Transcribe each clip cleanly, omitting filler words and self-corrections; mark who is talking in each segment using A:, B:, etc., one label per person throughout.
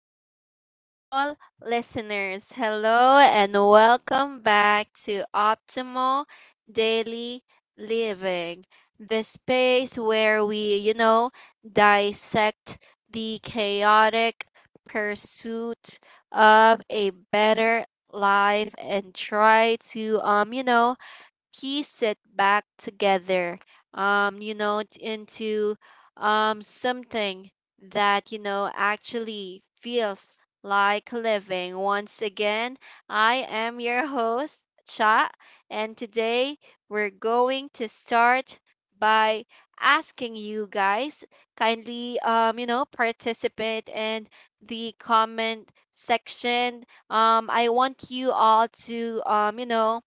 A: our beautiful listeners. Hello, and welcome back to Optimal Daily Living, the space where we, dissect the chaotic pursuit of a better life and try to, piece it back together into something that actually feels like living once again. I am your host, Cha. And today we're going to start by asking you guys kindly participate in the comment section. I want you all to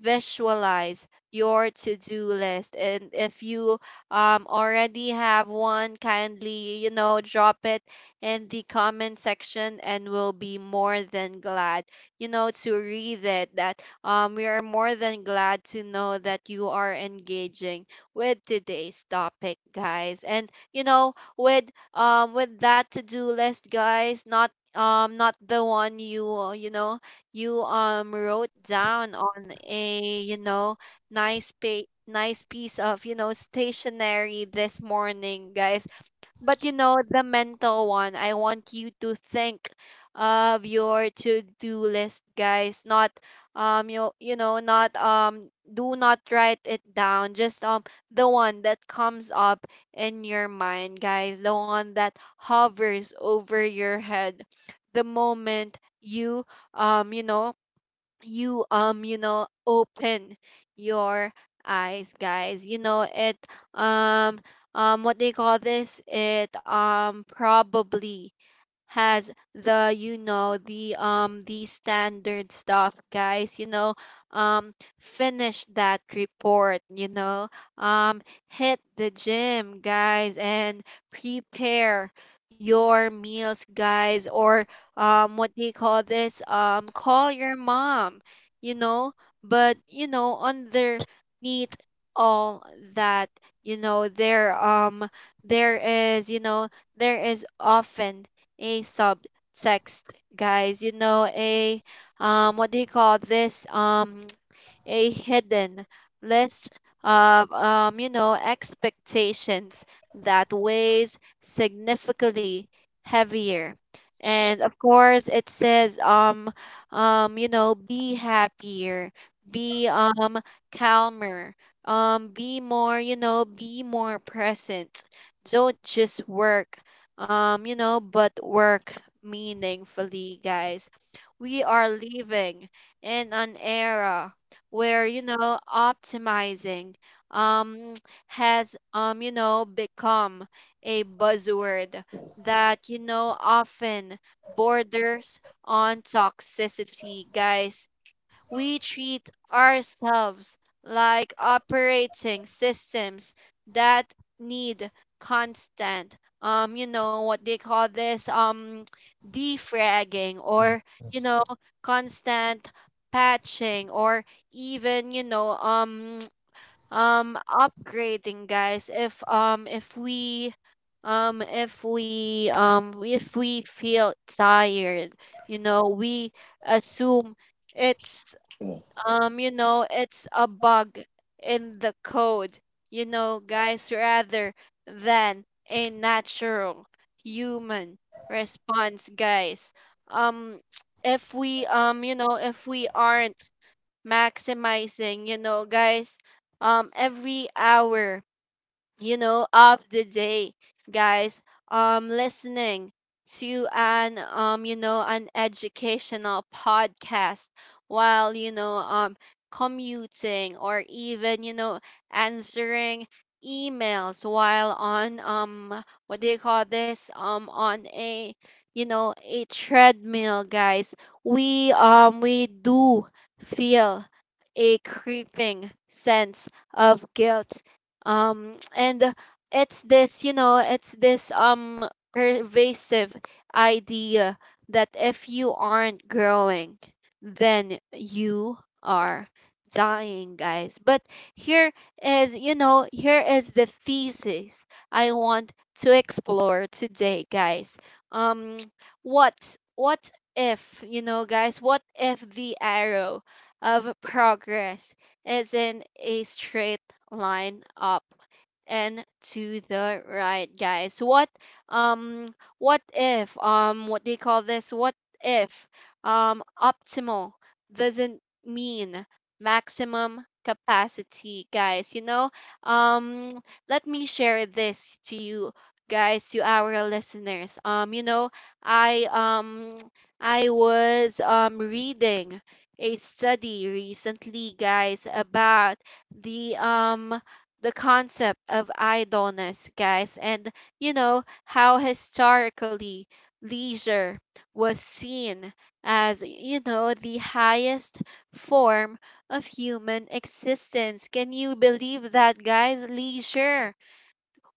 A: visualize your to-do list, and if you already have one, kindly drop it in the comment section, and we'll be more than glad to read it. That we are more than glad to know that you are engaging with today's topic, guys. And with that to-do list, guys. Not not the one you you know you wrote down on a nice piece of stationery this morning, guys, but, the mental one. I want you to think of your to-do list, guys. Not you you know, not Do not write it down. Just the one that comes up in your mind, guys. The one that hovers over your head the moment you you know you you know open your eyes, guys. It um what they call this It probably has the standard stuff, guys. Finish that report, um hit the gym, guys, and prepare your meals, guys. Or what do you call this? Call your mom, you know but underneath all that, you know there um there is there is often a subtext, guys. You know, a what do you call this? A hidden list of expectations that weighs significantly heavier. And of course, it says, be happier, be calmer, be more, be more present. Don't just work, but work meaningfully, guys. We are living in an era where optimizing um has become a buzzword that often borders on toxicity, guys. We treat ourselves like operating systems that need constant you know what they call this defragging, or you
B: Yes.
A: know constant patching, or even upgrading, guys. If we feel tired, we assume it's you know it's a bug in the code, guys, rather than a natural human response, guys. um if we aren't maximizing guys, every hour, of the day, guys. Listening to an educational podcast while commuting, or even, answering emails while on what do you call this? On a treadmill, guys. We do feel a creeping sense of guilt, and it's this pervasive idea that if you aren't growing, then you are dying, guys. But here here is the thesis I want to explore today, guys. um what if guys, what if the arrow of progress is in a straight line up and to the right, guys? Um what if What do you call this? What if optimal doesn't mean maximum capacity, guys? Um Let me share this to you guys, to our listeners. I um I was reading a study recently, guys, about the um the concept of idleness, guys, and how historically leisure was seen as the highest form of human existence. Can you believe that, guys? Leisure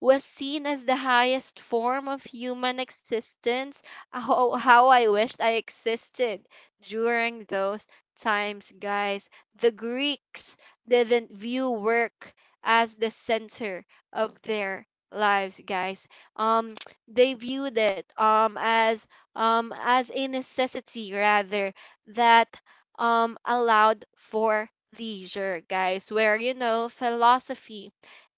A: was seen as the highest form of human existence. How I wished I existed during those times, guys. The Greeks didn't view work as the center of their lives, guys. um they viewed it as a necessity, rather, that allowed for leisure, guys, where philosophy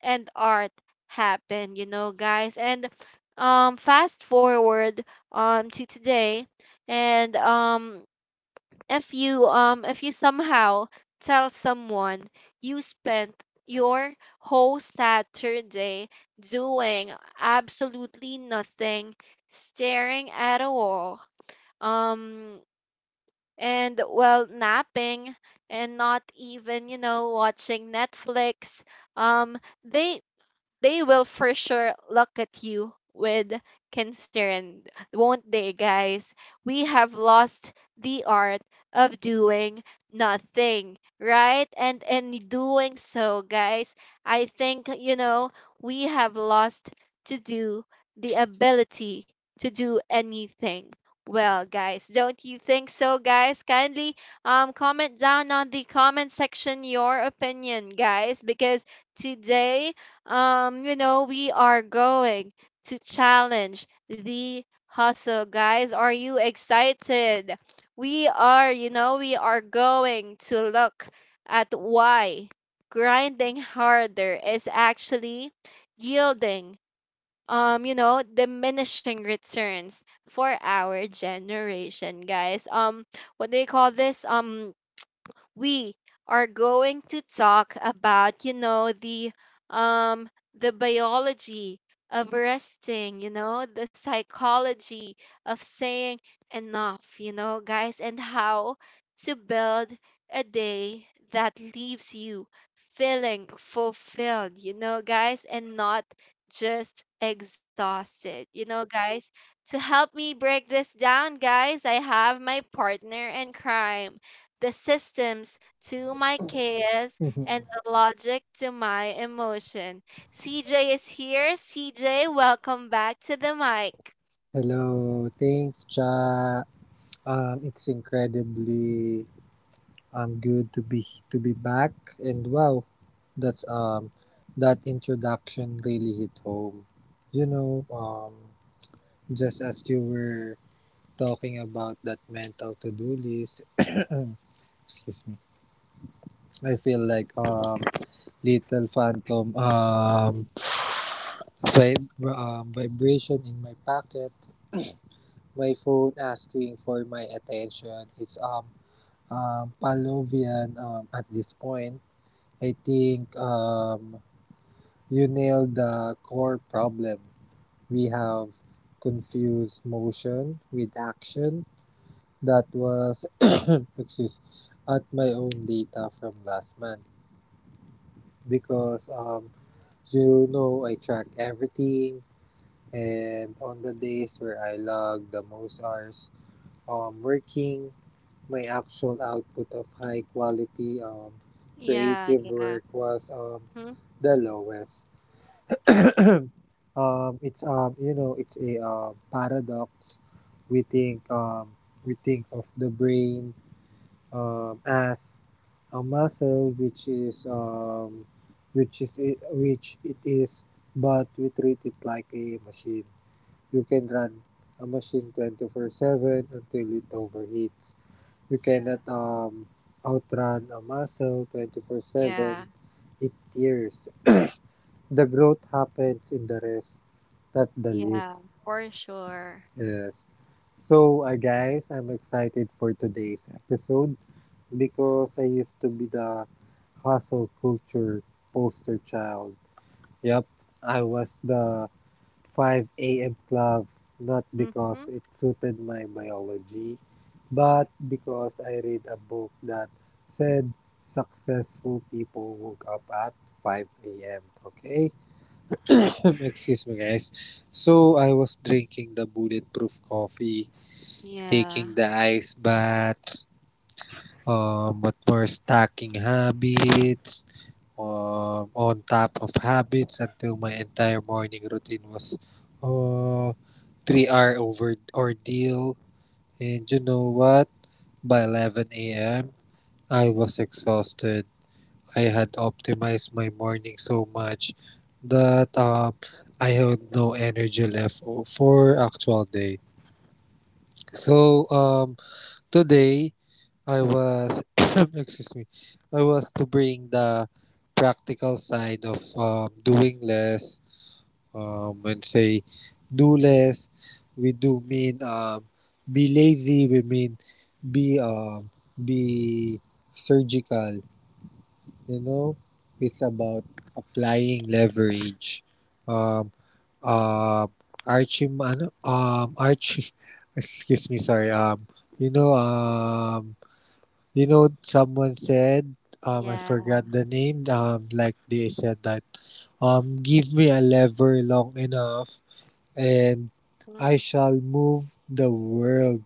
A: and art happen, guys. And fast forward to today, and if you somehow tell someone you spent your whole Saturday doing absolutely nothing, staring at a wall, um, and well, napping and not even watching Netflix, um, they they will for sure look at you with concern, won't they, guys? We have lost the art of doing nothing, right? And in doing so, guys, I think, we have lost to do the ability to do anything. Well, guys, don't you think so, guys? Kindly comment down on the comment section your opinion, guys, because today, we are going to challenge the hustle, guys. Are you excited? We are going to look at why grinding harder is actually yielding, diminishing returns for our generation, guys. What do you call this? We are going to talk about, um the biology of resting, the psychology of saying enough, guys, and how to build a day that leaves you feeling fulfilled, guys, and not just exhausted, guys. To help me break this down, guys, I have my partner in crime, the systems to my chaos, and the logic to my emotion. CJ is here. CJ, welcome back to the mic.
B: Hello, thanks, Cha. It's incredibly good to be back, and wow, that's that introduction really hit home. You know, just as you were talking about that mental to-do list, excuse me, I feel like little phantom vibration in my pocket, my phone asking for my attention. It's Pavlovian at this point. I think you nailed the core problem. We have confused motion with action. That was excuse at my own data from last month, because you know, I track everything, and on the days where I log the most hours working, my actual output of high quality
A: Yeah,
B: creative
A: yeah.
B: work was
A: Mhm.
B: the lowest. It's you know, it's a paradox. We think um, we think of the brain as a muscle, which is which it is, but we treat it like a machine. You can run a machine 24/7 until it overheats. You cannot outrun a muscle
A: Yeah,
B: 24/7. It tears. The growth happens in the rest, not the leaf.
A: yeah, for sure.
B: Yes. So, guys, I'm excited for today's episode because I used to be the hustle culture poster child. Yep, I was the 5 a.m. club, not
A: Mm-hmm,
B: because it suited my biology, but because I read a book that said successful people woke up at 5 a.m. Okay?
A: mm-hmm.
B: Excuse me, guys. So I was drinking the bulletproof coffee,
A: Yeah,
B: taking the ice baths, what more stacking habits, on top of habits, until my entire morning routine was uh, 3 hour over ordeal. And you know what? By 11 a.m., I was exhausted. I had optimized my morning so much that I had no energy left for actual day. So, today I was, excuse me, I was to bring the practical side of doing less, and say do less. We do mean be lazy. We mean be um, be surgical. You know, it's about applying leverage. Um, um, Archie, ano, Archie, excuse me, sorry. You know, um you know, someone said, I
A: yeah.
B: forgot the name, like they said that, give me a lever long enough and
A: Mm-hmm,
B: I shall move the world.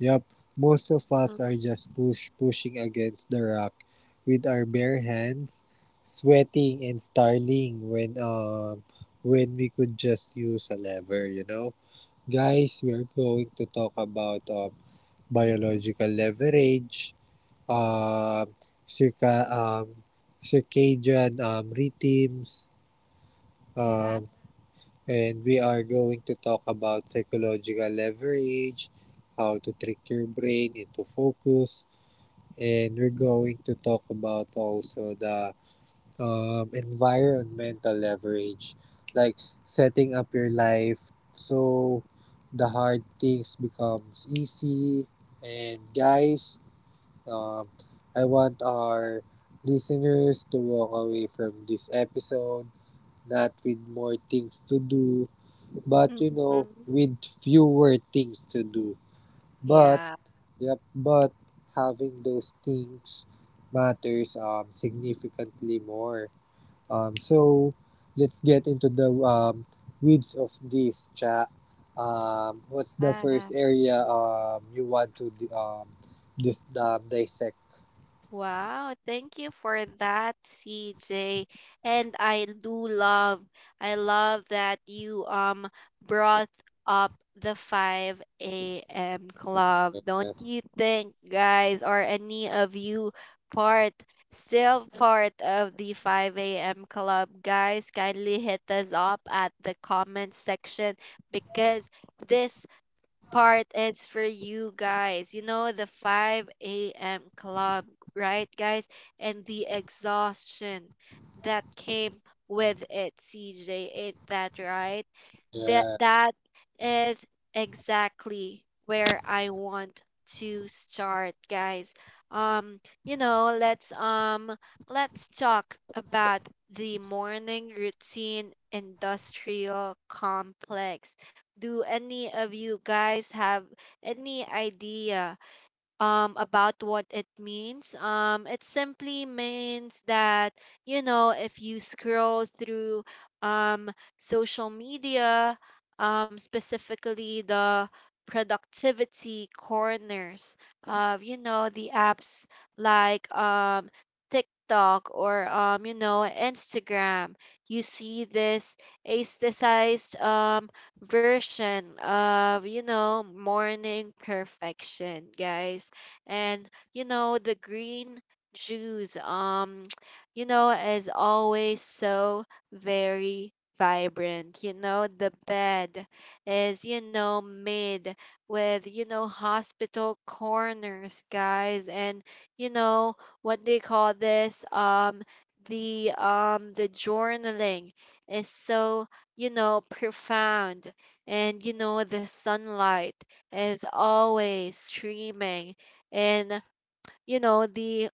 B: Yup, most of us are just pushing against the rock with our bare hands, sweating and starling when we could just use a lever, you know. Guys, we are going to talk about
A: mm-hmm.
B: biological leverage, um, circa um, circadian rhythms,
A: Yeah.
B: um, and we are going to talk about psychological leverage, how to trick your brain into focus, and we're going to talk about also the environmental leverage, like setting up your life so the hard things becomes easy. And guys, um, I want our listeners to walk away from this episode not with more things to do, but you know,
A: Mm-hmm.
B: with fewer things to do. But,
A: Yeah.
B: yep, but having those things matters significantly more. So, let's get into the weeds of this chat. What's the first area you want to dissect?
A: Wow, thank you for that, CJ. And I love that you brought up the 5 a.m. club. Don't you think, guys? Or any of you part still part of the 5 a.m. club, guys? Kindly hit us up at the comment section, because this part is for you, guys. You know, the 5 a.m. club, right, guys? And the exhaustion that came with it, CJ. Ain't that right? That,
B: Yeah.
A: that is exactly where I want to start, guys. Um, you know, let's um let's talk about the morning routine industrial complex. Do any of you guys have any idea about what it means? It simply means that, if you scroll through um social media, specifically the productivity corners of the apps like TikTok or Instagram. You see this aestheticized version of morning perfection, guys. And the green juice is always so very vibrant. You know, the bed is made with hospital corners, guys. And you know what they call this, the journaling is so profound. And the sunlight is always streaming, and the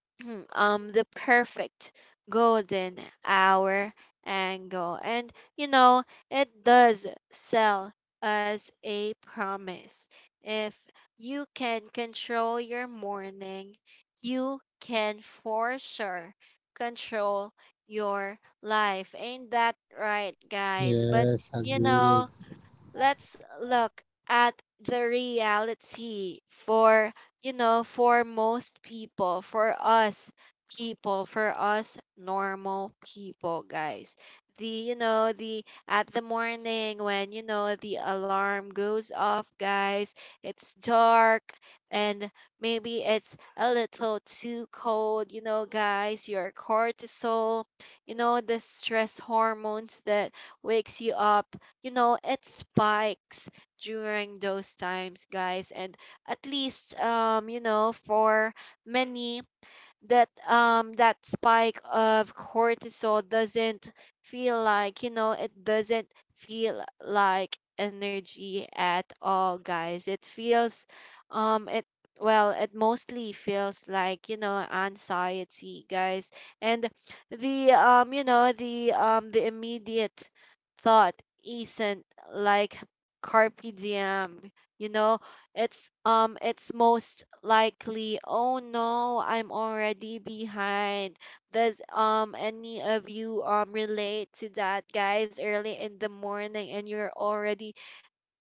A: the perfect golden hour angle. And it does sell as a promise: if you can control your morning, you can for sure control your life. Ain't that right, guys? But
B: Yes,
A: you know
B: agreed.
A: let's look at the reality for for most people, for us people, for us normal people, guys. The you know The at the morning, when the alarm goes off, guys, it's dark, and maybe it's a little too cold, guys. Your cortisol, the stress hormones that wakes you up, it spikes during those times, guys. And at least, for many, that spike of cortisol doesn't feel like, energy at all, guys. It feels it, well, it mostly feels like, anxiety, guys. And the you know the immediate thought isn't like carpe diem, you know it's most likely, oh no, I'm already behind. Does any of you relate to that, guys? Early in the morning and you're already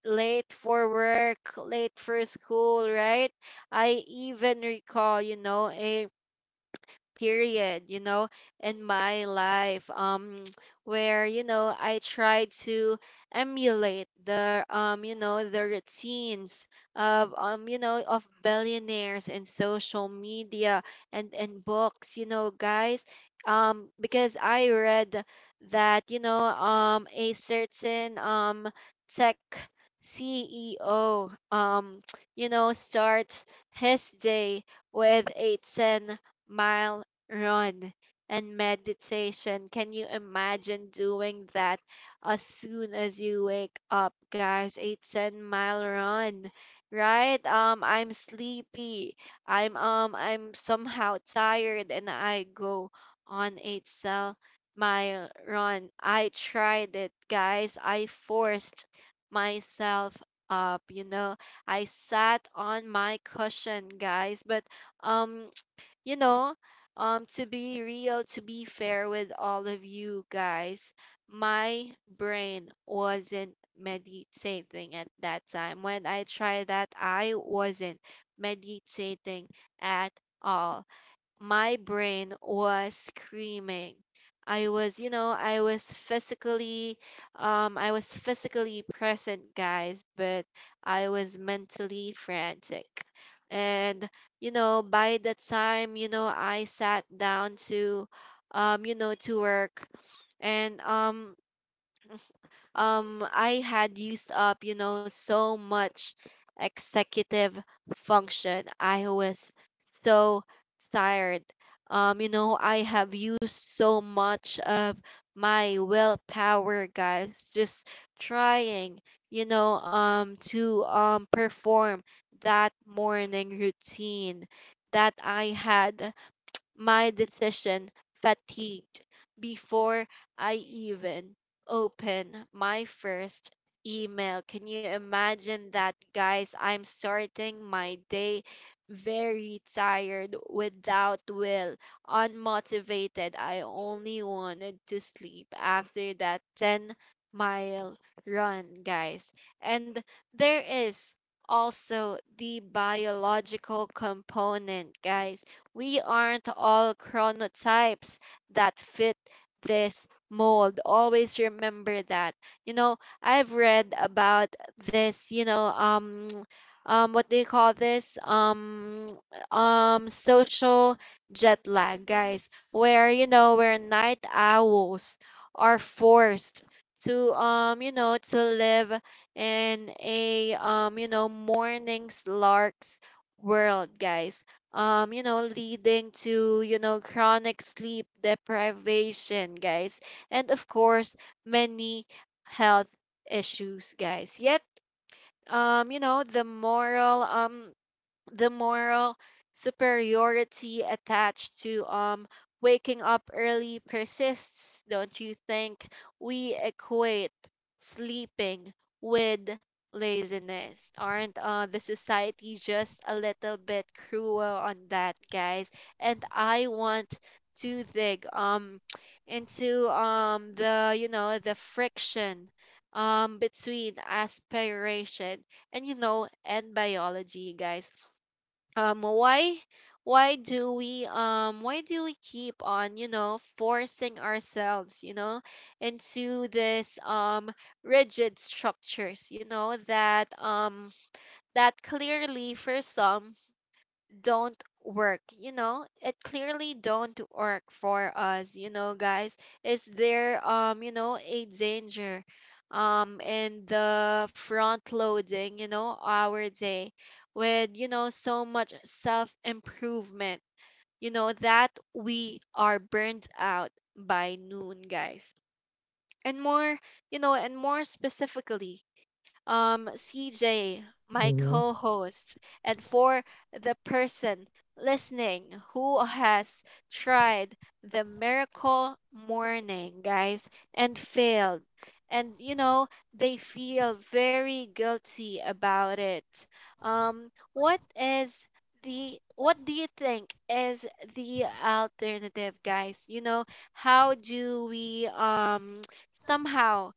A: late for work, late for school, right? I even recall, a period in my life, where I try to emulate the the routines of of billionaires in social media, and books, guys. Because I read that a certain tech CEO, starts his day with a 10-mile run and meditation. Can you imagine doing that as soon as you wake up, guys? A 10-mile run, right? I'm sleepy. I'm somehow tired, and I go on a 10-mile run. I tried it, guys. I forced myself up, you know. I sat on my cushion, guys, but um you know, to be real, to be fair with all of you guys, my brain wasn't meditating at that time. When I tried that, I wasn't meditating at all. My brain was screaming. i was you know i was physically I was physically present, guys, but I was mentally frantic. And by the time I sat down to you know to work, and I had used up, so much executive function. I was so tired. I have used so much of my willpower, guys, just trying, to perform that morning routine that I had, my decision fatigued before I even open my first email. Can you imagine that, guys? I'm starting my day very tired, without will, unmotivated. I only wanted to sleep after that 10-mile run, guys. And there is also the biological component, guys. We aren't all chronotypes that fit this mold. Always remember that. You know, I've read about this, what do you call this? Social jet lag, guys, where where night owls are forced to live in a mornings larks world, guys, leading to, chronic sleep deprivation, guys. And of course, many health issues, guys. Yet, um, you know, the moral um the moral superiority attached to, waking up early persists. Don't you think we equate sleeping with laziness? Aren't, the society just a little bit cruel on that, guys? And I want to dig, into, the you know the friction, between aspiration and and biology, guys. um why why do we keep on, forcing ourselves, into this, rigid structures, that, that clearly for some don't work. It clearly don't work for us, guys. Is there, a danger, in the front loading, our day with, so much self improvement, that we are burnt out by noon, guys? And more you know and more specifically, CJ, my
B: Mm-hmm.
A: co host, and for the person listening who has tried the miracle morning, guys, and failed. And, they feel very guilty about it. Um, what is what do you think is the alternative, guys? How do we, somehow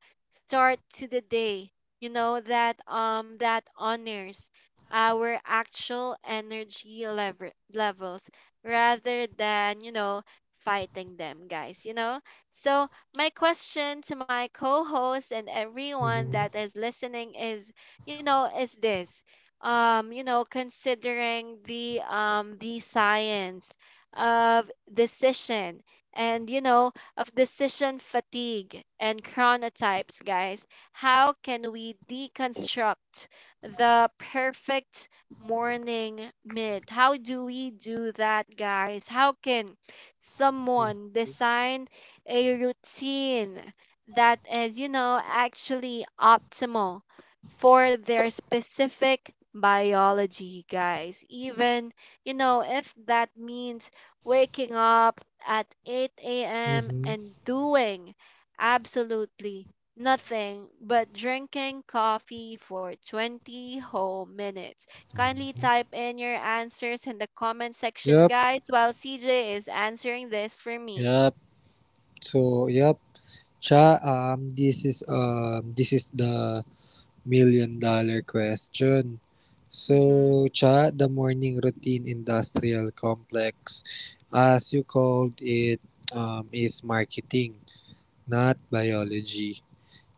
A: start to the day, that, that honors our actual energy levels rather than, fighting them, guys? So my question to my co-host and everyone that
B: Mm-hmm.
A: is listening is, is this, considering the, the science of decision, and, of decision fatigue, and chronotypes, guys. How can we deconstruct the perfect morning myth? How do we do that, guys? How can someone design a routine that is, actually optimal for their specific biology, guys? Even, if that means waking up at 8 a.m.
B: Mm-hmm.
A: and doing absolutely nothing but drinking coffee for 20 whole minutes. Kindly
B: Mm-hmm.
A: type in your answers in the comment section,
B: Yep.
A: guys, while CJ is answering this for me.
B: Yep. So yep. Cha, this is the million dollar question.
A: Mm-hmm.
B: So Cha, the morning routine industrial complex, as you called it, is marketing, not biology.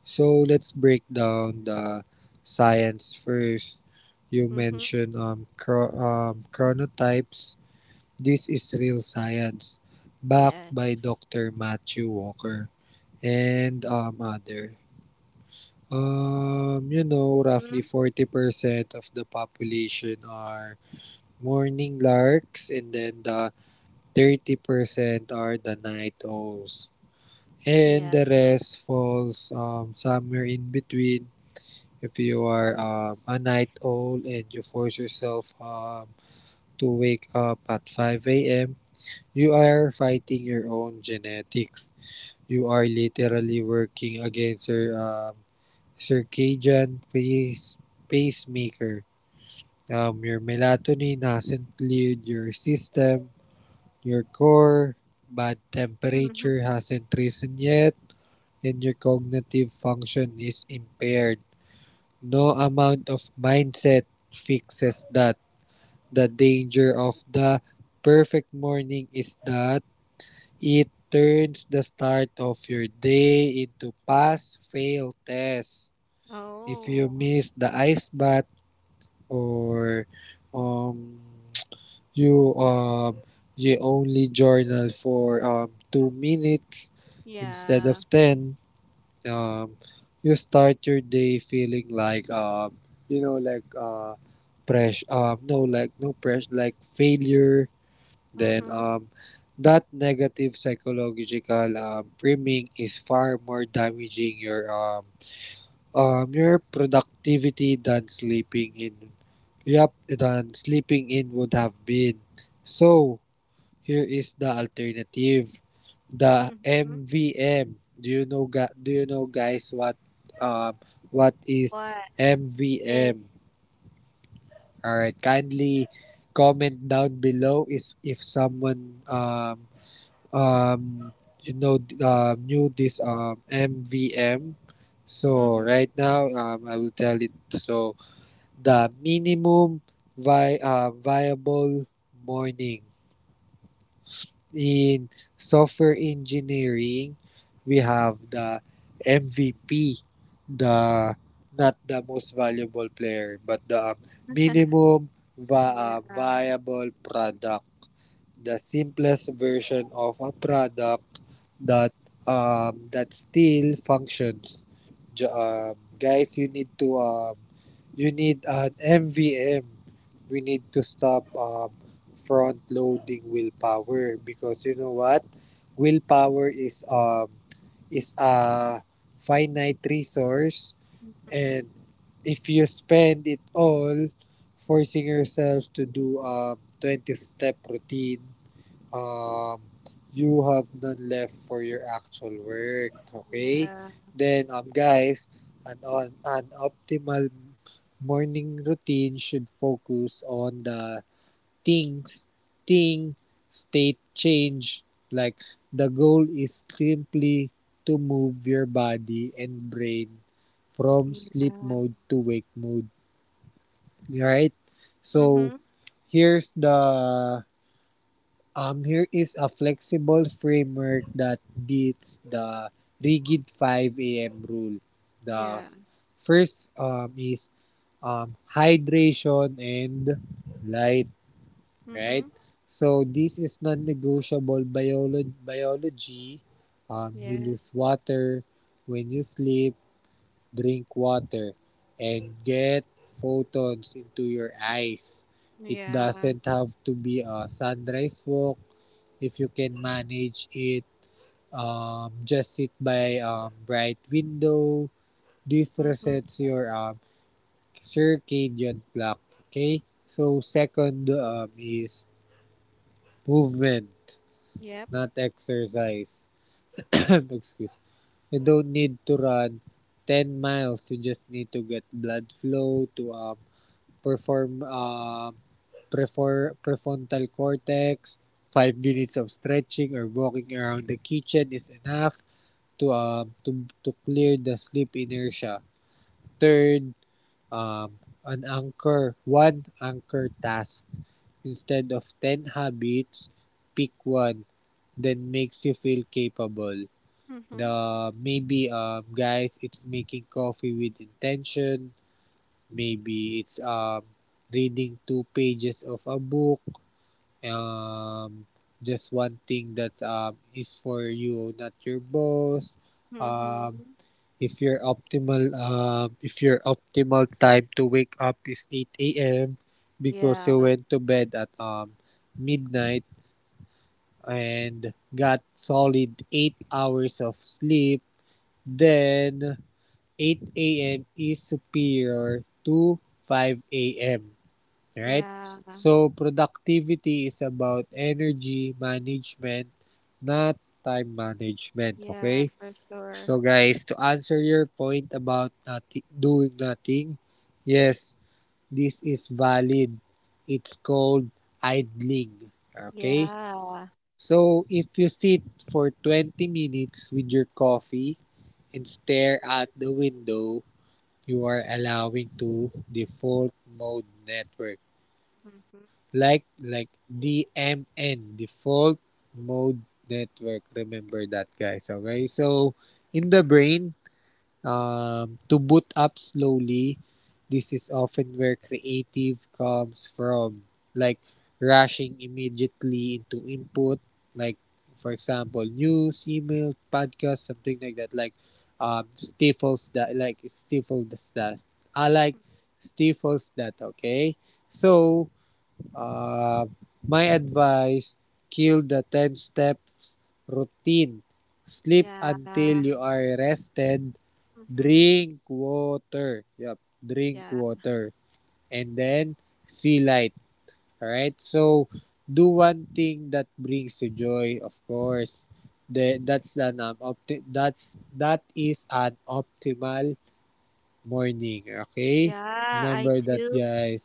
B: So let's break down the science first. You
A: Mm-hmm.
B: mentioned chronotypes. This is real science, backed by
A: Yes.
B: Dr. Matthew Walker and other. You know,
A: Mm-hmm.
B: roughly 40% of the population are morning larks, and then the 30% are the night owls. And
A: Yeah.
B: the rest falls somewhere in between. If you are a night owl and you force yourself to wake up at 5 a.m., you are fighting your own genetics. You are literally working against your circadian pacemaker. Your melatonin hasn't cleared your system, your core, bad
A: Mm-hmm.
B: temperature hasn't risen yet, and your cognitive function is impaired. No amount of mindset fixes that. The danger of the perfect morning is that it turns the start of your day into pass fail tests. If you
A: Oh,
B: miss the ice bath or um you um you only journal for 2 minutes instead of
A: yeah.
B: 10, um, you start your day feeling like you know, like pressure, no, like no pressure, like failure, then
A: Mm-hmm.
B: um, that negative psychological priming is far more damaging your productivity than sleeping in, yep than sleeping in would have been. So here is the alternative. The
A: Mm-hmm.
B: MVM. Do you know, guys, um uh, what is
A: What is
B: MVM? All right, kindly comment down below is if someone um you know, knew this MVM. So
A: mm-hmm.
B: right now I will tell it. So the minimum viable morning. In software engineering, we have the MVP, the not the most valuable player, but the minimum
A: Yeah.
B: viable product, the simplest version of a product that that still functions. Guys, you need an MVM. We need to stop front loading willpower, because you know what? Willpower is a finite resource,
A: Mm-hmm.
B: and if you spend it all forcing yourself to do a 20 step routine, um, you have none left for your actual work. Okay?
A: Yeah,
B: Then, guys, an optimal morning routine should focus on the things, thing, state change. Like, the goal is simply to move your body and brain from sleep
A: yeah.
B: mode to wake mode. Right? So,
A: Mm-hmm.
B: here's the here is a flexible framework that beats the rigid 5 a.m. rule. The
A: Yeah.
B: first is hydration and light, right?
A: Mm-hmm.
B: So this is non-negotiable biology. You lose
A: Yes.
B: water when you sleep, drink water, and get photons into your eyes. It
A: Yeah.
B: doesn't have to be a sunrise walk. If you can manage it, just sit by bright window. This
A: Mm-hmm.
B: resets your circadian clock. Okay, so second is movement,
A: Yep.
B: not exercise. Excuse. You don't need to run 10 miles. You just need to get blood flow to perform um, prefrontal cortex. 5 minutes of stretching or walking around the kitchen is enough to clear the sleep inertia. Third, an anchor one anchor task instead of 10 habits. Pick one that makes you feel capable.
A: Mm-hmm.
B: The Maybe, guys, it's making coffee with intention, maybe it's reading two pages of a book, um just one thing that's is for you, not your boss. um
A: Mm-hmm.
B: If your optimal time to wake up is 8 a.m. because
A: Yeah.
B: you went to bed at midnight and got solid 8 hours of sleep, then 8 a.m. is superior to 5 a.m. Right?
A: Yeah.
B: So productivity is about energy management, not time management,
A: Yeah,
B: okay?
A: for sure.
B: So, guys, to answer your point about nothing, doing nothing, yes, this is valid. It's called idling. Okay?
A: Yeah.
B: So, if you sit for 20 minutes with your coffee and stare out the window, you are allowing to default mode network.
A: Mm-hmm.
B: Like DMN, default mode network. Remember that, guys. Okay? So, in the brain, to boot up slowly. This is often where creative comes from, like rushing immediately into input, like for example, news, email, podcast, something like that. Stifles that, like it stifles that. I like stifles that. Okay, so uh, my advice: kill the 10 step routine. Sleep until
A: Yeah.
B: you are rested.
A: Mm-hmm.
B: Drink water. Yep. Drink
A: Yeah.
B: water. And then see light. Alright? So do one thing that brings you joy, of course. The, that's an opti- that's That is an optimal morning. Okay?
A: Yeah, I
B: Remember that,
A: do.
B: guys.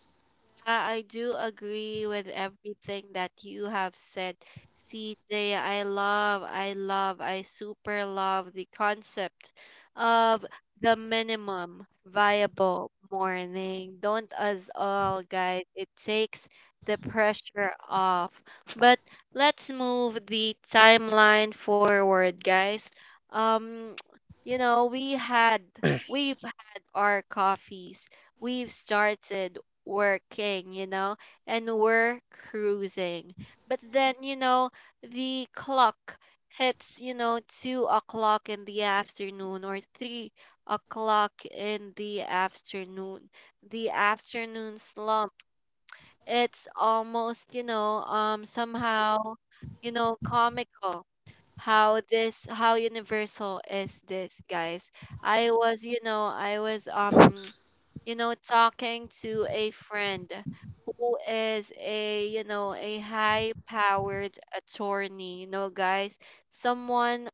A: I do agree with everything that you have said, CJ. I love, I love, I super love the concept of the minimum viable morning. Don't us all, guys. It takes the pressure off. But let's move the timeline forward, guys. Um, you know, we had, we've had our coffees. We've started working, and we're cruising. But then, the clock hits, 2 o'clock in the afternoon or 3 o'clock in the afternoon. The afternoon slump. It's almost, somehow, comical how this how universal is this, guys. I was you know I was talking to a friend who is a, a high powered attorney, guys, someone,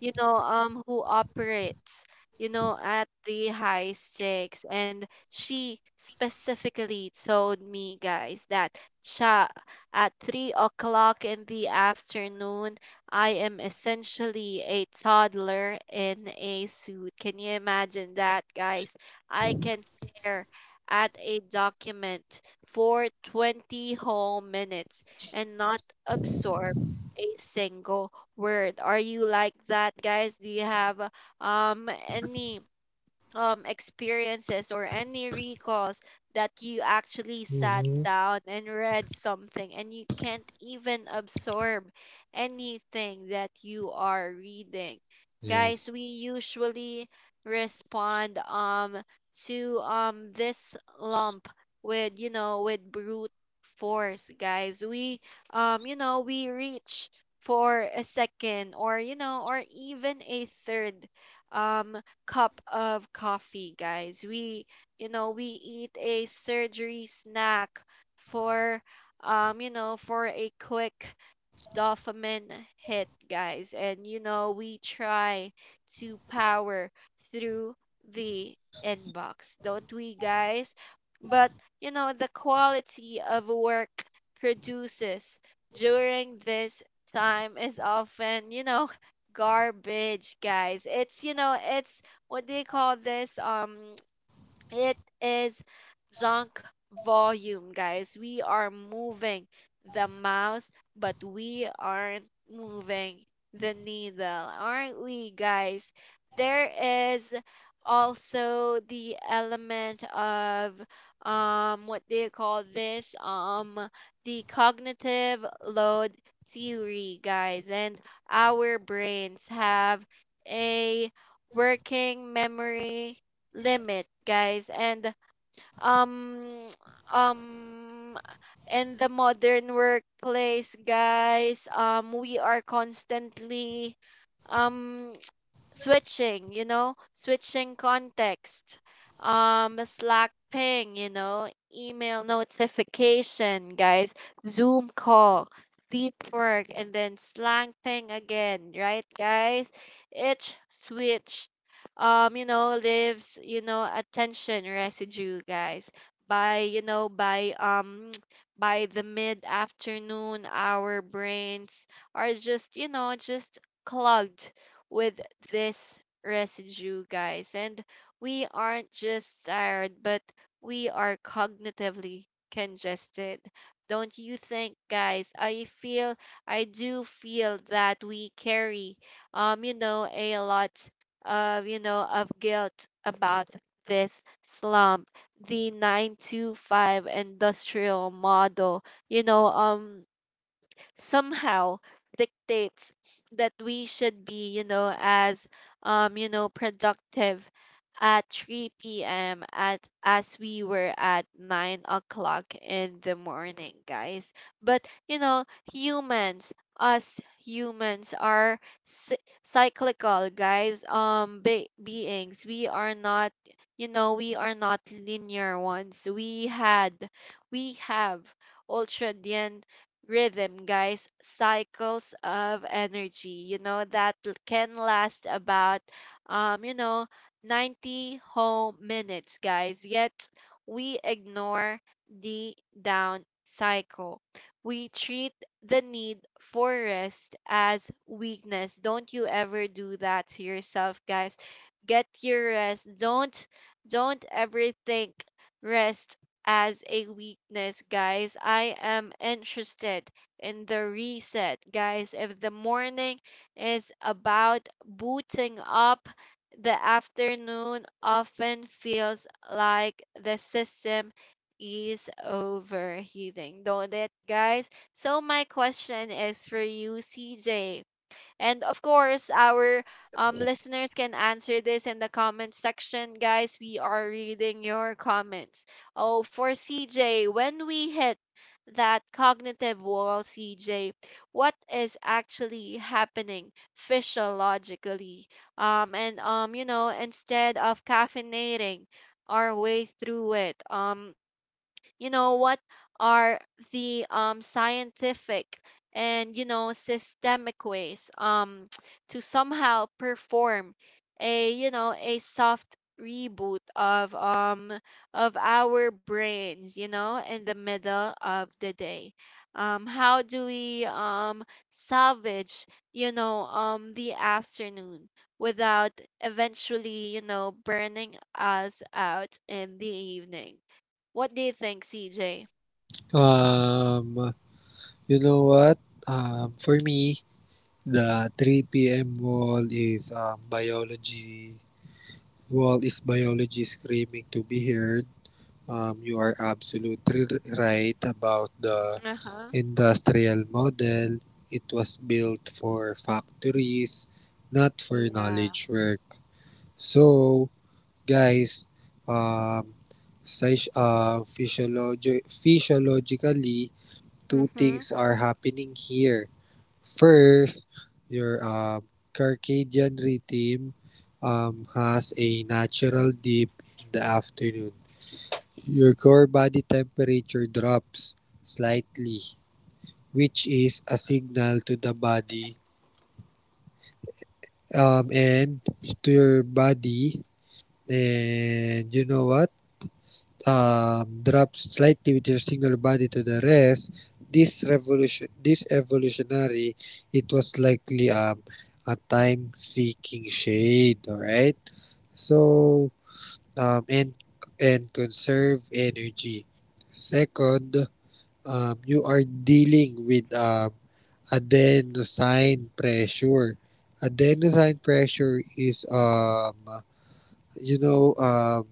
A: who operates, at the high stakes. And she specifically told me, guys, that siya, at 3 o'clock in the afternoon, I am essentially a toddler in a suit. Can you imagine that, guys? I can stare at a document for 20 whole minutes and not absorb a single word. Are you like that, guys? Do you have any, experiences or any recalls that you actually sat
B: Mm-hmm.
A: down and read something and you can't even absorb anything that you are reading?
B: Yes.
A: Guys, we usually respond, to, this lump with, with brute force, guys. We you know We reach for a second or, or even a third, um cup of coffee, guys. We, we eat a surgery snack for, for a quick dopamine hit, guys. And, we try to power through the inbox, don't we, guys? But, the quality of work produces during this time is often, garbage, guys. It's what do you call this? It is junk volume, guys. We are moving the mouse, but we aren't moving the needle, aren't we, guys? There is also the element of, what do you call this, the cognitive load theory, guys. And our brains have a working memory limit, guys. And, um um in the modern workplace, guys, we are constantly, um switching context, Slack ping, email notification, guys, Zoom call, deep work, and then slang ping again, right, guys? Each switch, leaves, attention residue, guys. By, by the mid afternoon, our brains are just, just clogged with this residue, guys. And we aren't just tired, but we are cognitively congested. Don't you think, guys? I feel, I do feel that we carry, a lot of, guilt about this slump. The 9-to-5 industrial model, You know, um, somehow dictates that we should be, as, productive at 3 p.m. at as we were at 9 o'clock in the morning, guys. But, humans, us humans are cyclical, guys. Beings. We are not, we are not linear ones. We have ultra rhythm, guys, cycles of energy, that can last about, um, you know, 90 whole minutes, guys. Yet we ignore the down cycle. We treat the need for rest as weakness. Don't you ever do that to yourself, guys. Get your rest. Don't ever think rest as a weakness, guys. I am interested in the reset, guys. If the morning is about booting up, the afternoon often feels like the system is overheating, don't it, guys? So, my question is for you, CJ, and of course, our, listeners can answer this in the comment section. Guys, we are reading your comments. Oh, for CJ, when we hit that cognitive wall, CJ, what is actually happening physiologically? And, instead of caffeinating, our way through it. What are the, scientific and, systemic ways, to somehow perform a, a soft reboot of, of our brains, in the middle of the day. How do we, salvage, the afternoon without eventually, burning us out in the evening? What do you think, CJ?
B: Um, you know what? For me, the 3 p.m. wall is biology. Well, is biology screaming to be heard? You are absolutely right about the
A: Uh-huh.
B: industrial model. It was built for factories, not for
A: Yeah.
B: knowledge work. So, guys, um, physiologically, two
A: Mm-hmm.
B: things are happening here. First, your circadian rhythm has a natural dip in the afternoon. Your core body temperature drops slightly, which is a signal to the body, and to your body. And you know what? Drops slightly with your signal body to the rest. This this evolutionary, it was likely a time-seeking shade. All right. So um, and and conserve energy. Second, you are dealing with adenosine pressure. Adenosine pressure is you know,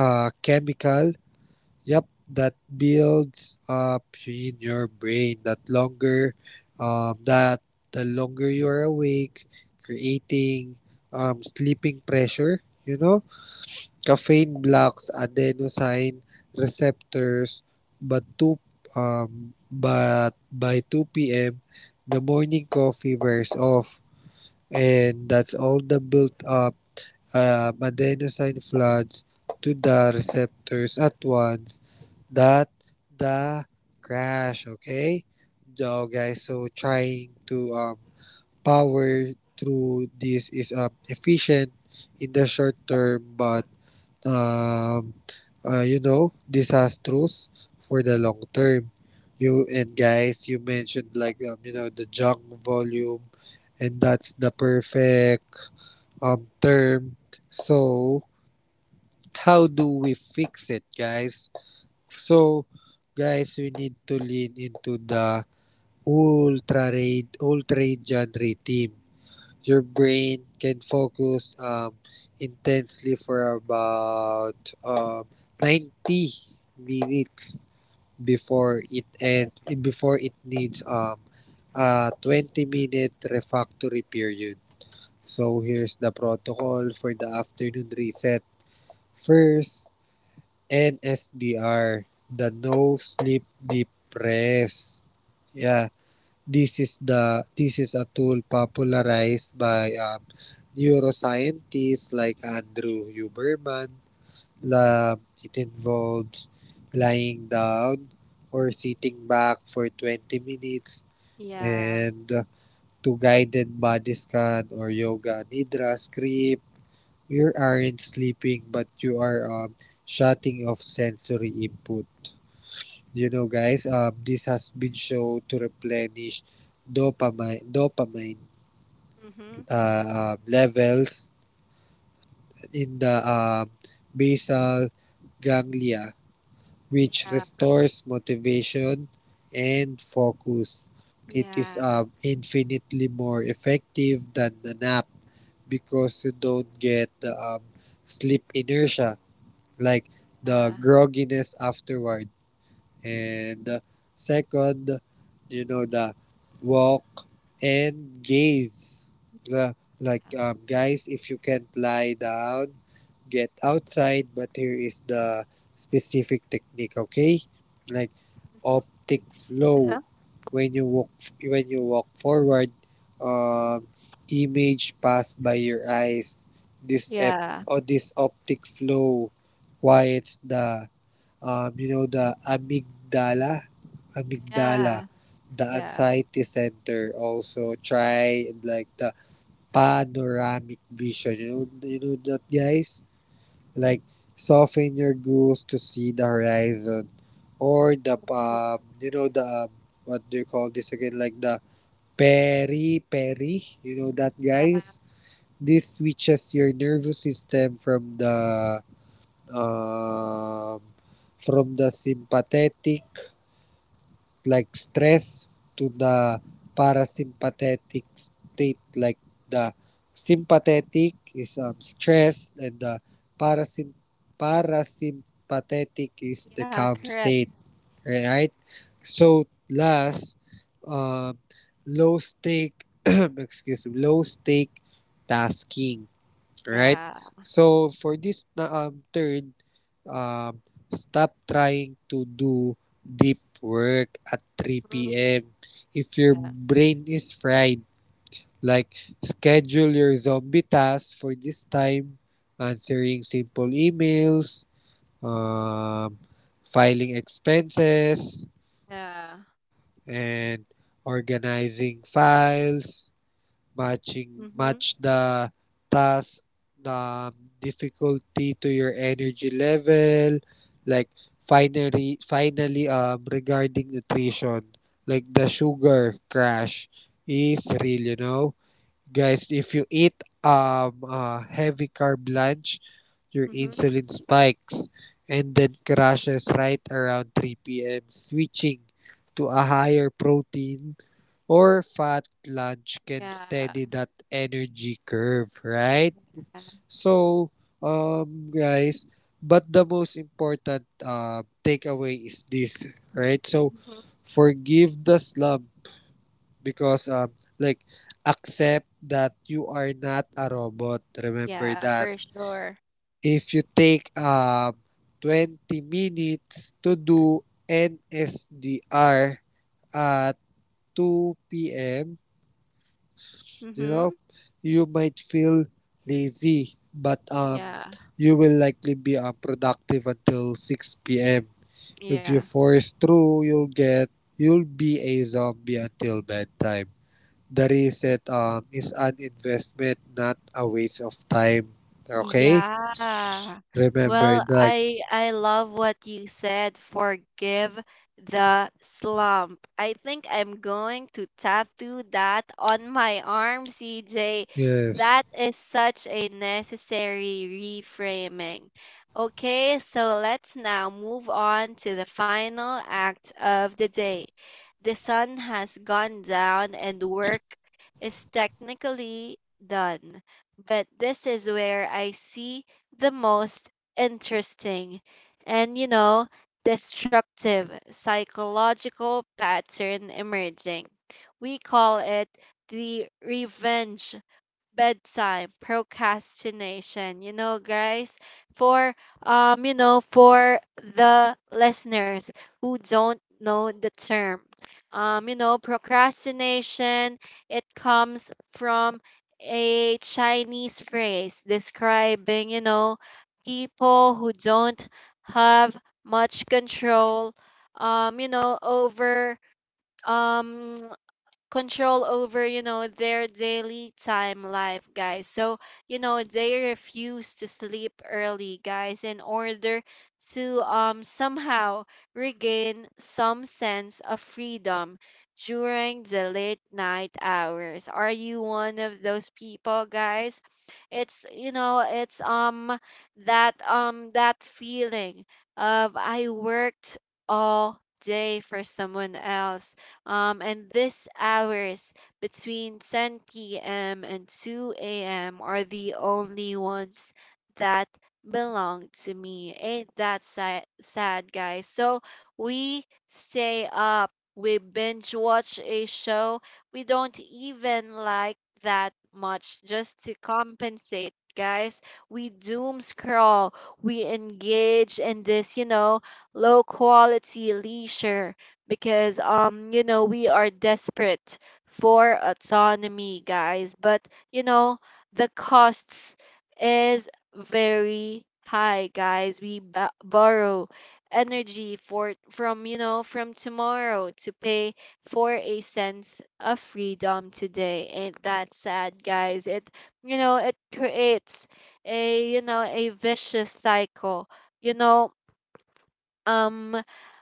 B: a chemical. Yep, that builds up in your brain that the longer you are awake, creating sleeping pressure, you know? Caffeine blocks adenosine receptors, but two but by 2 p.m. The morning coffee wears off, and that's all the built up adenosine floods to the receptors at once. That the crash. Okay, so guys, trying to power through this is efficient in the short term, but um, you know, disastrous for the long term. You and guys, you mentioned like you know, the junk volume, and that's the perfect term. So how do we fix it, guys? So, guys, we need to lean into the ultra raid genre team. Your brain can focus intensely for about um, 90 minutes before it end before it needs a 20 minute refractory period. So here's the protocol for the afternoon reset. First, NSDR, the no sleep depress. Yeah, this is a tool popularized by neuroscientists like Andrew Huberman. La, it involves lying down or sitting back for 20 minutes
A: Yeah.
B: and to guided body scan or yoga nidra script. You aren't sleeping, but you are shutting off sensory input. You know, guys, this has been shown to replenish dopamine
A: Mm-hmm.
B: levels in the basal ganglia, which
A: Yeah.
B: restores motivation and focus. It is
A: Yeah.
B: infinitely more effective than a nap because you don't get the sleep inertia, like
A: Uh,
B: the grogginess afterward. And Second, you know, the walk and gaze. The, Guys, if you can't lie down, get outside, but here is the specific technique, okay? Like,
A: mm-hmm.
B: optic
A: Uh-huh.
B: flow. When you walk, when you walk forward, um, image pass by your eyes. This ep-
A: Yeah.
B: or this optic flow quiets the the amygdala,
A: Yeah.
B: amygdala, the
A: Yeah.
B: anxiety center. Also try like the panoramic vision. You know that, guys, like soften your goals to see the horizon, or the
A: Cool.
B: what do you call this again? Like the peri. You know that,
A: Yeah.
B: guys. This switches your nervous system um, from the sympathetic, like stress, to the parasympathetic state. Like the sympathetic is stress and the parasym- parasympathetic is the
A: Yeah.
B: calm
A: Correct.
B: state, right? So last, um, low stake excuse me, low stake tasking, right?
A: Yeah.
B: So for this na Third, um, stop trying to do deep work at
A: Mm-hmm.
B: 3 p.m. If your
A: Yeah.
B: brain is fried, like schedule your zombie tasks for this time: answering simple emails, um, filing expenses,
A: Yeah.
B: and organizing files.
A: Mm-hmm.
B: Match the task the difficulty to your energy level. Like, finally, regarding nutrition, like the sugar crash is real, you know, guys. If you eat a heavy carb lunch, your
A: Mm-hmm.
B: insulin spikes and then crashes right around 3 p.m. Switching to a higher protein or fat lunge can
A: Yeah.
B: steady that energy curve, right?
A: Yeah.
B: So, guys, but the most important takeaway is this, right? So,
A: Mm-hmm.
B: forgive the slump because, like, accept that you are not a robot. Remember
A: Yeah.
B: that.
A: For sure.
B: If you take 20 minutes to do NSDR at 2 p.m., you know,
A: Mm-hmm.
B: you might feel lazy, but
A: Yeah.
B: you will likely be productive until 6 p.m. If
A: Yeah.
B: you force through, you'll be a zombie until bedtime. The reset is an investment, not a waste of time. Okay,
A: Yeah.
B: remember
A: Well,
B: that.
A: I love what you said. Forgive the slump. I think I'm going to tattoo that on my arm, CJ.
B: Yes.
A: That is such a necessary reframing. Okay, so let's now move on to the final act of the day. The sun has gone down and work is technically done, but this is where I see the most interesting and, destructive psychological pattern emerging. We call it the revenge bedtime procrastination, you know, guys. For um you know for the listeners who don't know the term, procrastination, it comes from a Chinese phrase describing, people who don't have much control, over um control over, their daily time life, guys. So, they refuse to sleep early, guys, in order to somehow regain some sense of freedom during the late night hours. Are you one of those people, guys? It's you know it's um that that feeling of I worked all day for someone else, and these hours between 10 p.m. and 2 a.m. are the only ones that belong to me. Ain't that sad, guys? So we stay up. We binge watch a show we don't even like that much, just to compensate, guys. We doom scroll, we engage in this, low quality leisure because we are desperate for autonomy, guys. But, you know the costs is very high, guys. Borrow energy for from, from tomorrow to pay for a sense of freedom today. Ain't that sad, guys? It creates a, a vicious cycle, you know um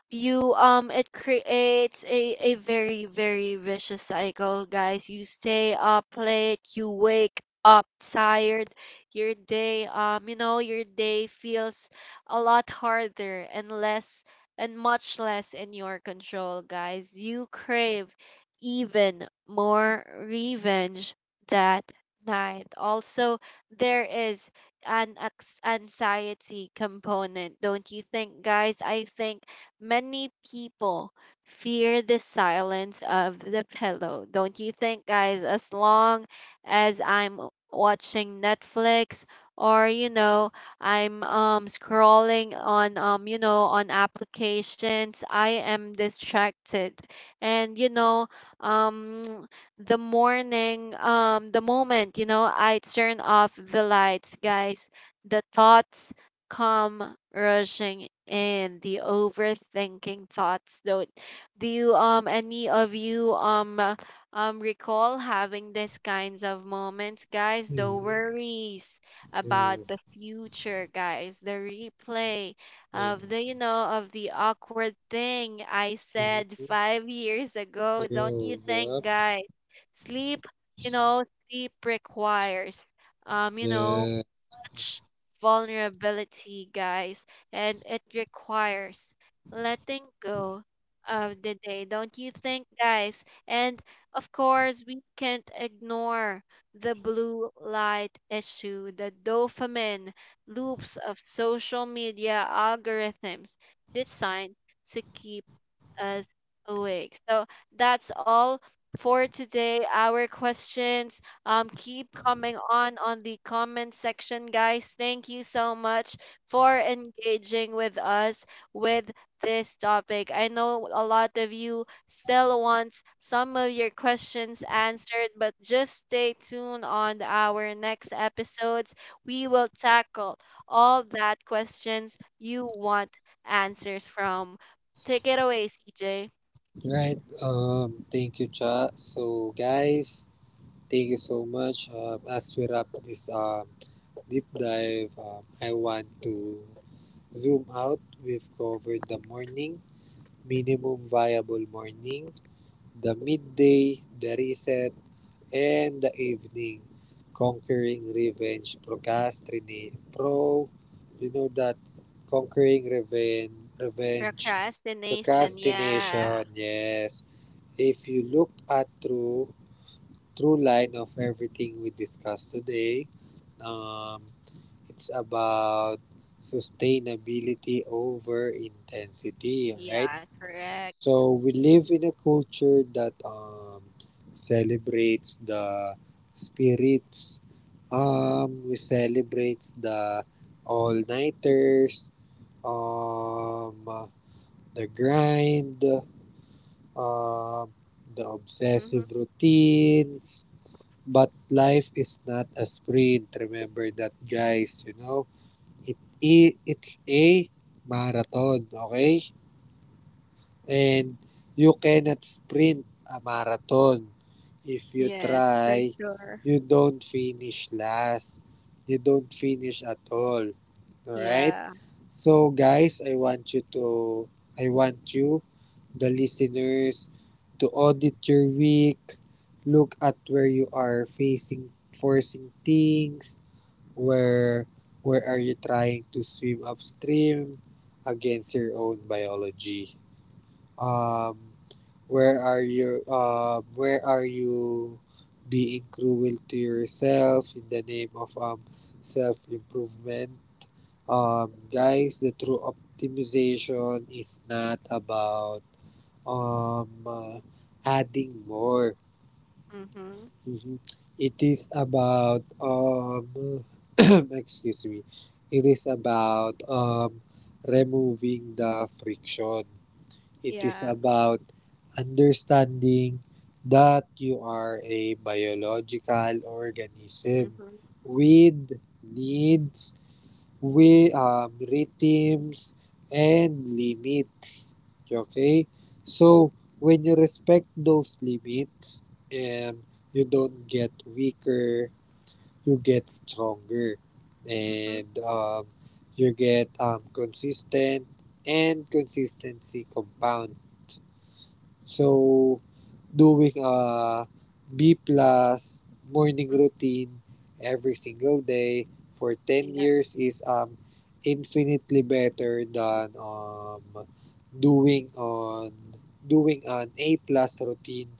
A: you It creates a very, very vicious cycle, guys. You stay up late, you wake up tired. Your day, your day feels a lot harder and less and much less in your control, guys. You crave even more revenge that night. Also, there is anxiety component, don't you think, guys? I think many people fear the silence of the pillow, don't you think, guys? As long as I'm watching Netflix or, I'm scrolling on on applications, I am distracted. And, um the moment, I turn off the lights, guys, the thoughts come rushing in, the overthinking thoughts. Don't Do you any of you recall having these kinds of moments, guys? The
B: Mhm.
A: worries about the
B: Yes.
A: future, guys, the replay of
B: Yes.
A: the, of the awkward thing I
B: Mhm.
A: said 5 years ago, don't you
B: Go.
A: think,
B: Yep.
A: guys? Sleep, sleep requires, um, you know,
B: Yeah.
A: much vulnerability, guys, and it requires letting go of the day, don't you think, guys? And of course, we can't ignore the blue light issue, the dopamine loops of social media algorithms designed to keep us awake. So that's all for today. Our questions keep coming on the comment section, guys. Thank you so much for engaging with us with this topic. I know a lot of you still want some of your questions answered, but just stay tuned on our next episodes. We will tackle all that questions you want answers from. Take it away, CJ.
B: Right. Thank you, Cha. So, guys. Thank you so much. As we wrap this deep dive, I want to zoom out. We've covered the morning, minimum viable morning, the midday, the reset, and the evening. Conquering revenge, procrastinate, pro. You know that conquering revenge, revenge,
A: Procrastination, yeah.
B: procrastination. Yes. If you look at through line of everything we discussed today, Um, it's about sustainability over intensity, all right?
A: Yeah,
B: So
A: correct.
B: we live in a culture that celebrates the spirits.
A: Mm-hmm.
B: We celebrate the all-nighters, um, the grind, um, the
A: Mm-hmm.
B: obsessive routines. But life is not a sprint. Remember that, guys. You know, it's a marathon, okay? And you cannot sprint a marathon. If you
A: Yes, for
B: try,
A: sure.
B: you don't finish last. You don't finish at all. Alright?
A: Yeah.
B: So guys, I want you, the listeners, to audit your week, look at where you are facing forcing things, where where are you trying to swim upstream against your own biology? Um, where are you being cruel to yourself in the name of self improvement? Guys, the true optimization is not about um uh, adding more.
A: Mm-hmm.
B: Mhm. It is about excuse me. It is about removing the friction. It is
A: Yeah.
B: about understanding that you are a biological organism
A: Mm-hmm.
B: with needs, with rhythms and limits. Okay? So, when you respect those limits, um, you don't get weaker, you get stronger.
A: Mm-hmm.
B: And you get consistent, and consistency compounds. So, doing a B plus morning
A: Mm.
B: routine every single day for ten
A: Yeah.
B: years is infinitely better than doing on doing an A plus routine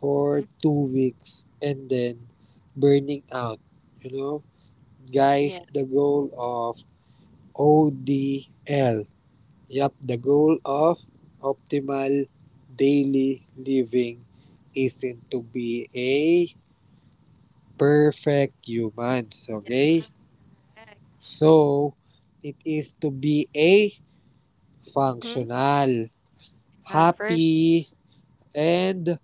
B: for
A: Mm.
B: 2 weeks and then burning out. You know, guys,
A: Yeah.
B: the goal of ODL. Yep, the goal of optimal daily living isn't to be a perfect humans, okay?
A: Correct.
B: So, it is to be a
A: Mm-hmm.
B: functional,
A: Yeah, first.
B: happy, and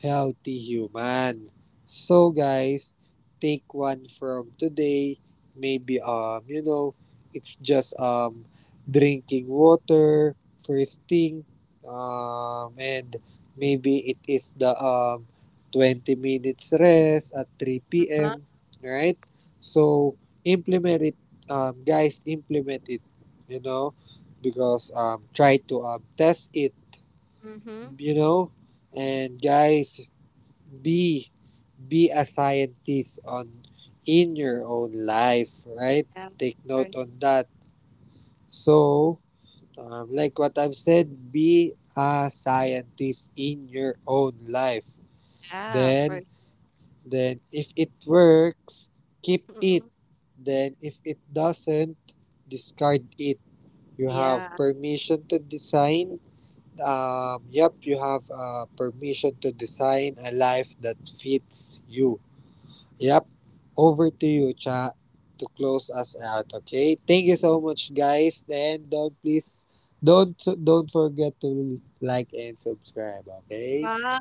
B: healthy human. So guys, take one from today. Maybe you know, it's just drinking water, first thing, and maybe it is the 20 minutes rest at 3
A: Uh-huh.
B: p.m. Right? So implement it, guys. Implement it, you know, because try to test it,
A: Mm-hmm.
B: you know. And guys, be be a scientist on in your own life, right?
A: Yeah.
B: Take
A: For.
B: note on that. So like what I've said, be a scientist in your own life.
A: Yeah,
B: Then
A: for.
B: if it works, keep it.
A: Mm-mm.
B: Then if it doesn't, discard it. You have
A: Yeah.
B: permission to design, yep you have permission to design a life that fits you. Yep. Over to you, Cha, to close us out. Okay. Thank you so much, guys. And don't please, don't don't forget to like and subscribe. Okay.
A: Ah,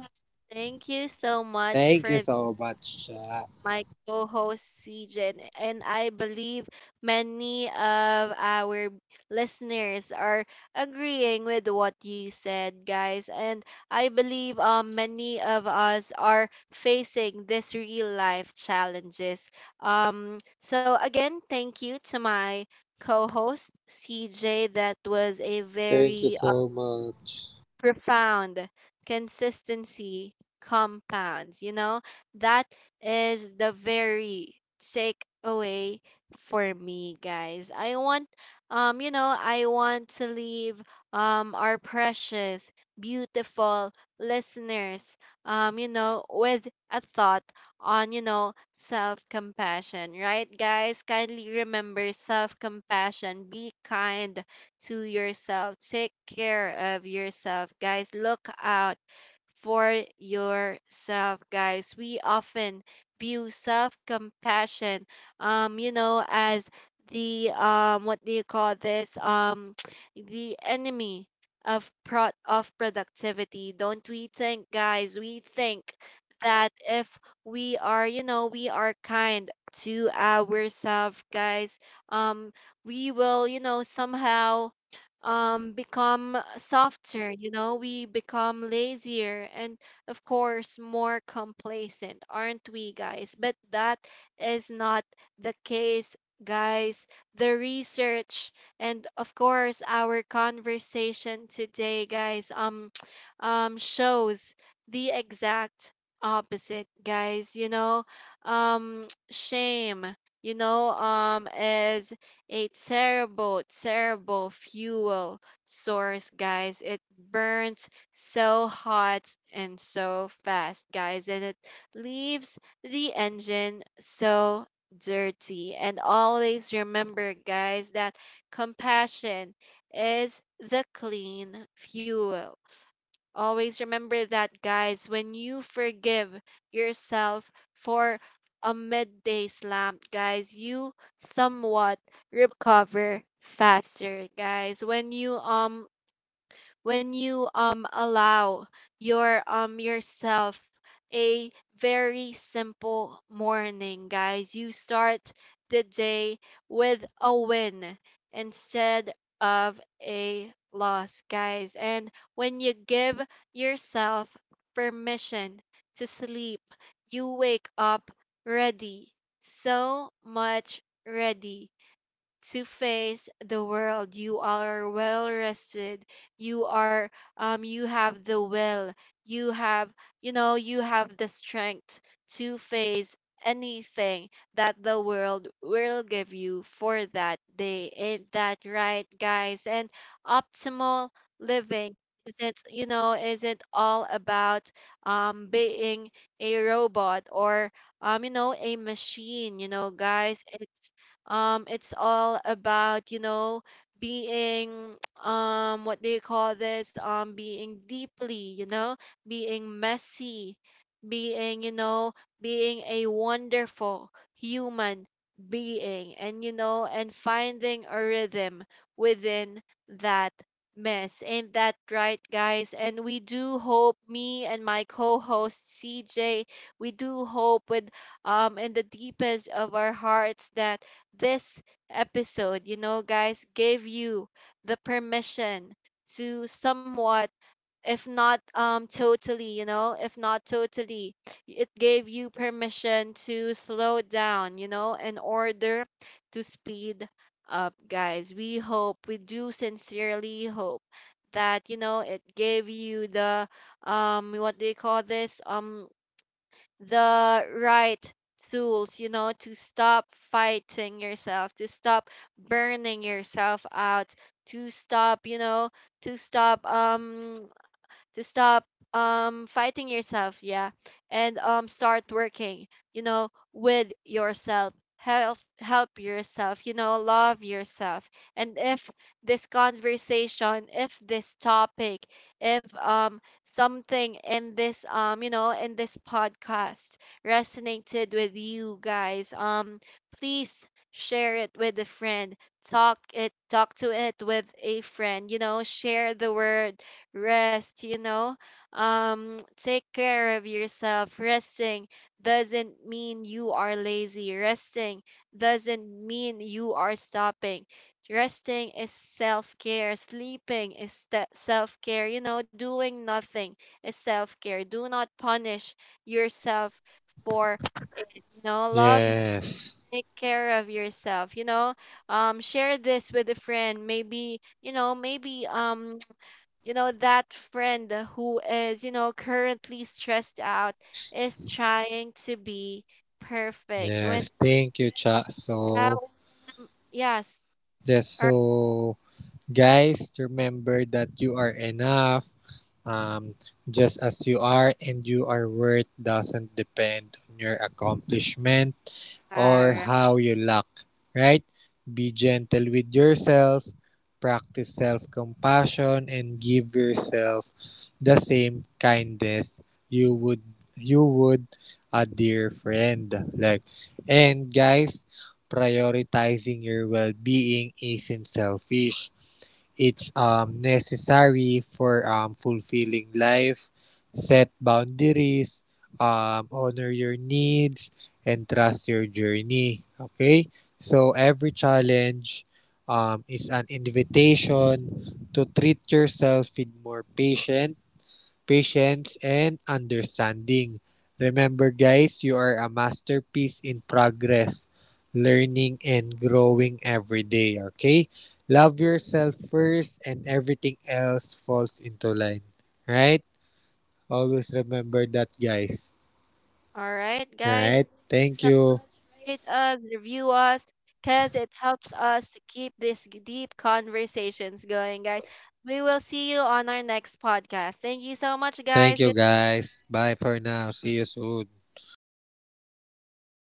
A: thank you so much
B: Thank
A: for
B: you so much, Cha.
A: my co-host CJ, and I believe many of our listeners are agreeing with what you said, guys. And I believe, many of us are facing this real life challenges. So again, thank you to my co-host CJ. That was a
B: Thank you
A: very
B: so much.
A: profound consistency compounds, that is the very takeaway for me, guys. I want to leave our precious beautiful listeners, with a thought on, self compassion, right, guys? Kindly remember self compassion. Be kind to yourself. Take care of yourself, guys. Look out for yourself, guys. We often view self compassion, as the what do you call this? The enemy of productivity. Don't we think, guys? We think that if we are, we are kind to ourselves, guys. Um, we will somehow become softer, we become lazier and of course more complacent, aren't we, guys? But that is not the case, guys. The research and of course our conversation today, guys, shows the exact opposite, guys, Shame, is a terrible, terrible fuel source, guys. It burns so hot and so fast, guys, and it leaves the engine so dirty. And always remember, guys, that compassion is the clean fuel. Always remember that, guys. When you forgive yourself for a midday slump, guys, you somewhat recover faster, guys. When you allow yourself a very simple morning, guys. You start the day with a win instead of a loss, guys. And when you give yourself permission to sleep, you wake up ready. So much ready to face the world. You are well rested. You are you have the will. You have, you have the strength to face anything that the world will give you for that day. Ain't that right, guys? And optimal living isn't, isn't all about being a robot or, a machine, guys. It's all about, being what do you call this? Being deeply, being messy, being, being a wonderful human being. And, and finding a rhythm within that mess. Ain't that right, guys? And we do hope, me and my co-host CJ, we do hope with in the deepest of our hearts that this episode, guys, gave you the permission to somewhat, if not totally, if not totally, it gave you permission to slow down, in order to speed up, guys. We hope, we do sincerely hope that, it gave you the what do you call this, the right tools, to stop fighting yourself, to stop burning yourself out, to stop, to stop um to stop fighting yourself, yeah, and start working, with yourself. Help yourself, love yourself. And if this conversation, if this topic, if something in this in this podcast resonated with you, guys, please share it with a friend, talk to it with a friend, share the word rest, take care of yourself. Resting doesn't mean you are lazy. Resting doesn't mean you are stopping. Resting is self care. Self care. Doing nothing is self care. Do not punish yourself for it. Love.
B: Yes.
A: Take care of yourself. Share this with a friend. Maybe you know. Maybe that friend who is, currently stressed out is trying to be perfect when
B: Yes. Thank you, Cha.
A: uh,
B: So
A: yes,
B: just
A: all
B: so guys, remember that you are enough, um, just as you are, and your worth doesn't depend on your accomplishment or
A: right,
B: how you look, right? Be gentle with yourself, practice self compassion, and give yourself the same kindness you would you would a dear friend, like. And guys, prioritizing your well-being isn't selfish. It's necessary for fulfilling life. Set boundaries, honor your needs, and trust your journey. Okay? So, every challenge is an invitation to treat yourself with more patience, and understanding. Remember guys, you are a masterpiece in progress, learning and growing every day, okay? Love yourself first and everything else falls into line. Right? Always remember that, guys.
A: all right, guys.
B: Alright? Thank
A: So
B: you.
A: rate us, review us, because it helps us to keep these deep conversations going, guys. We will see you on our next podcast. Thank you so much,
B: Thank
A: guys.
B: you guys. Bye for now. See you soon.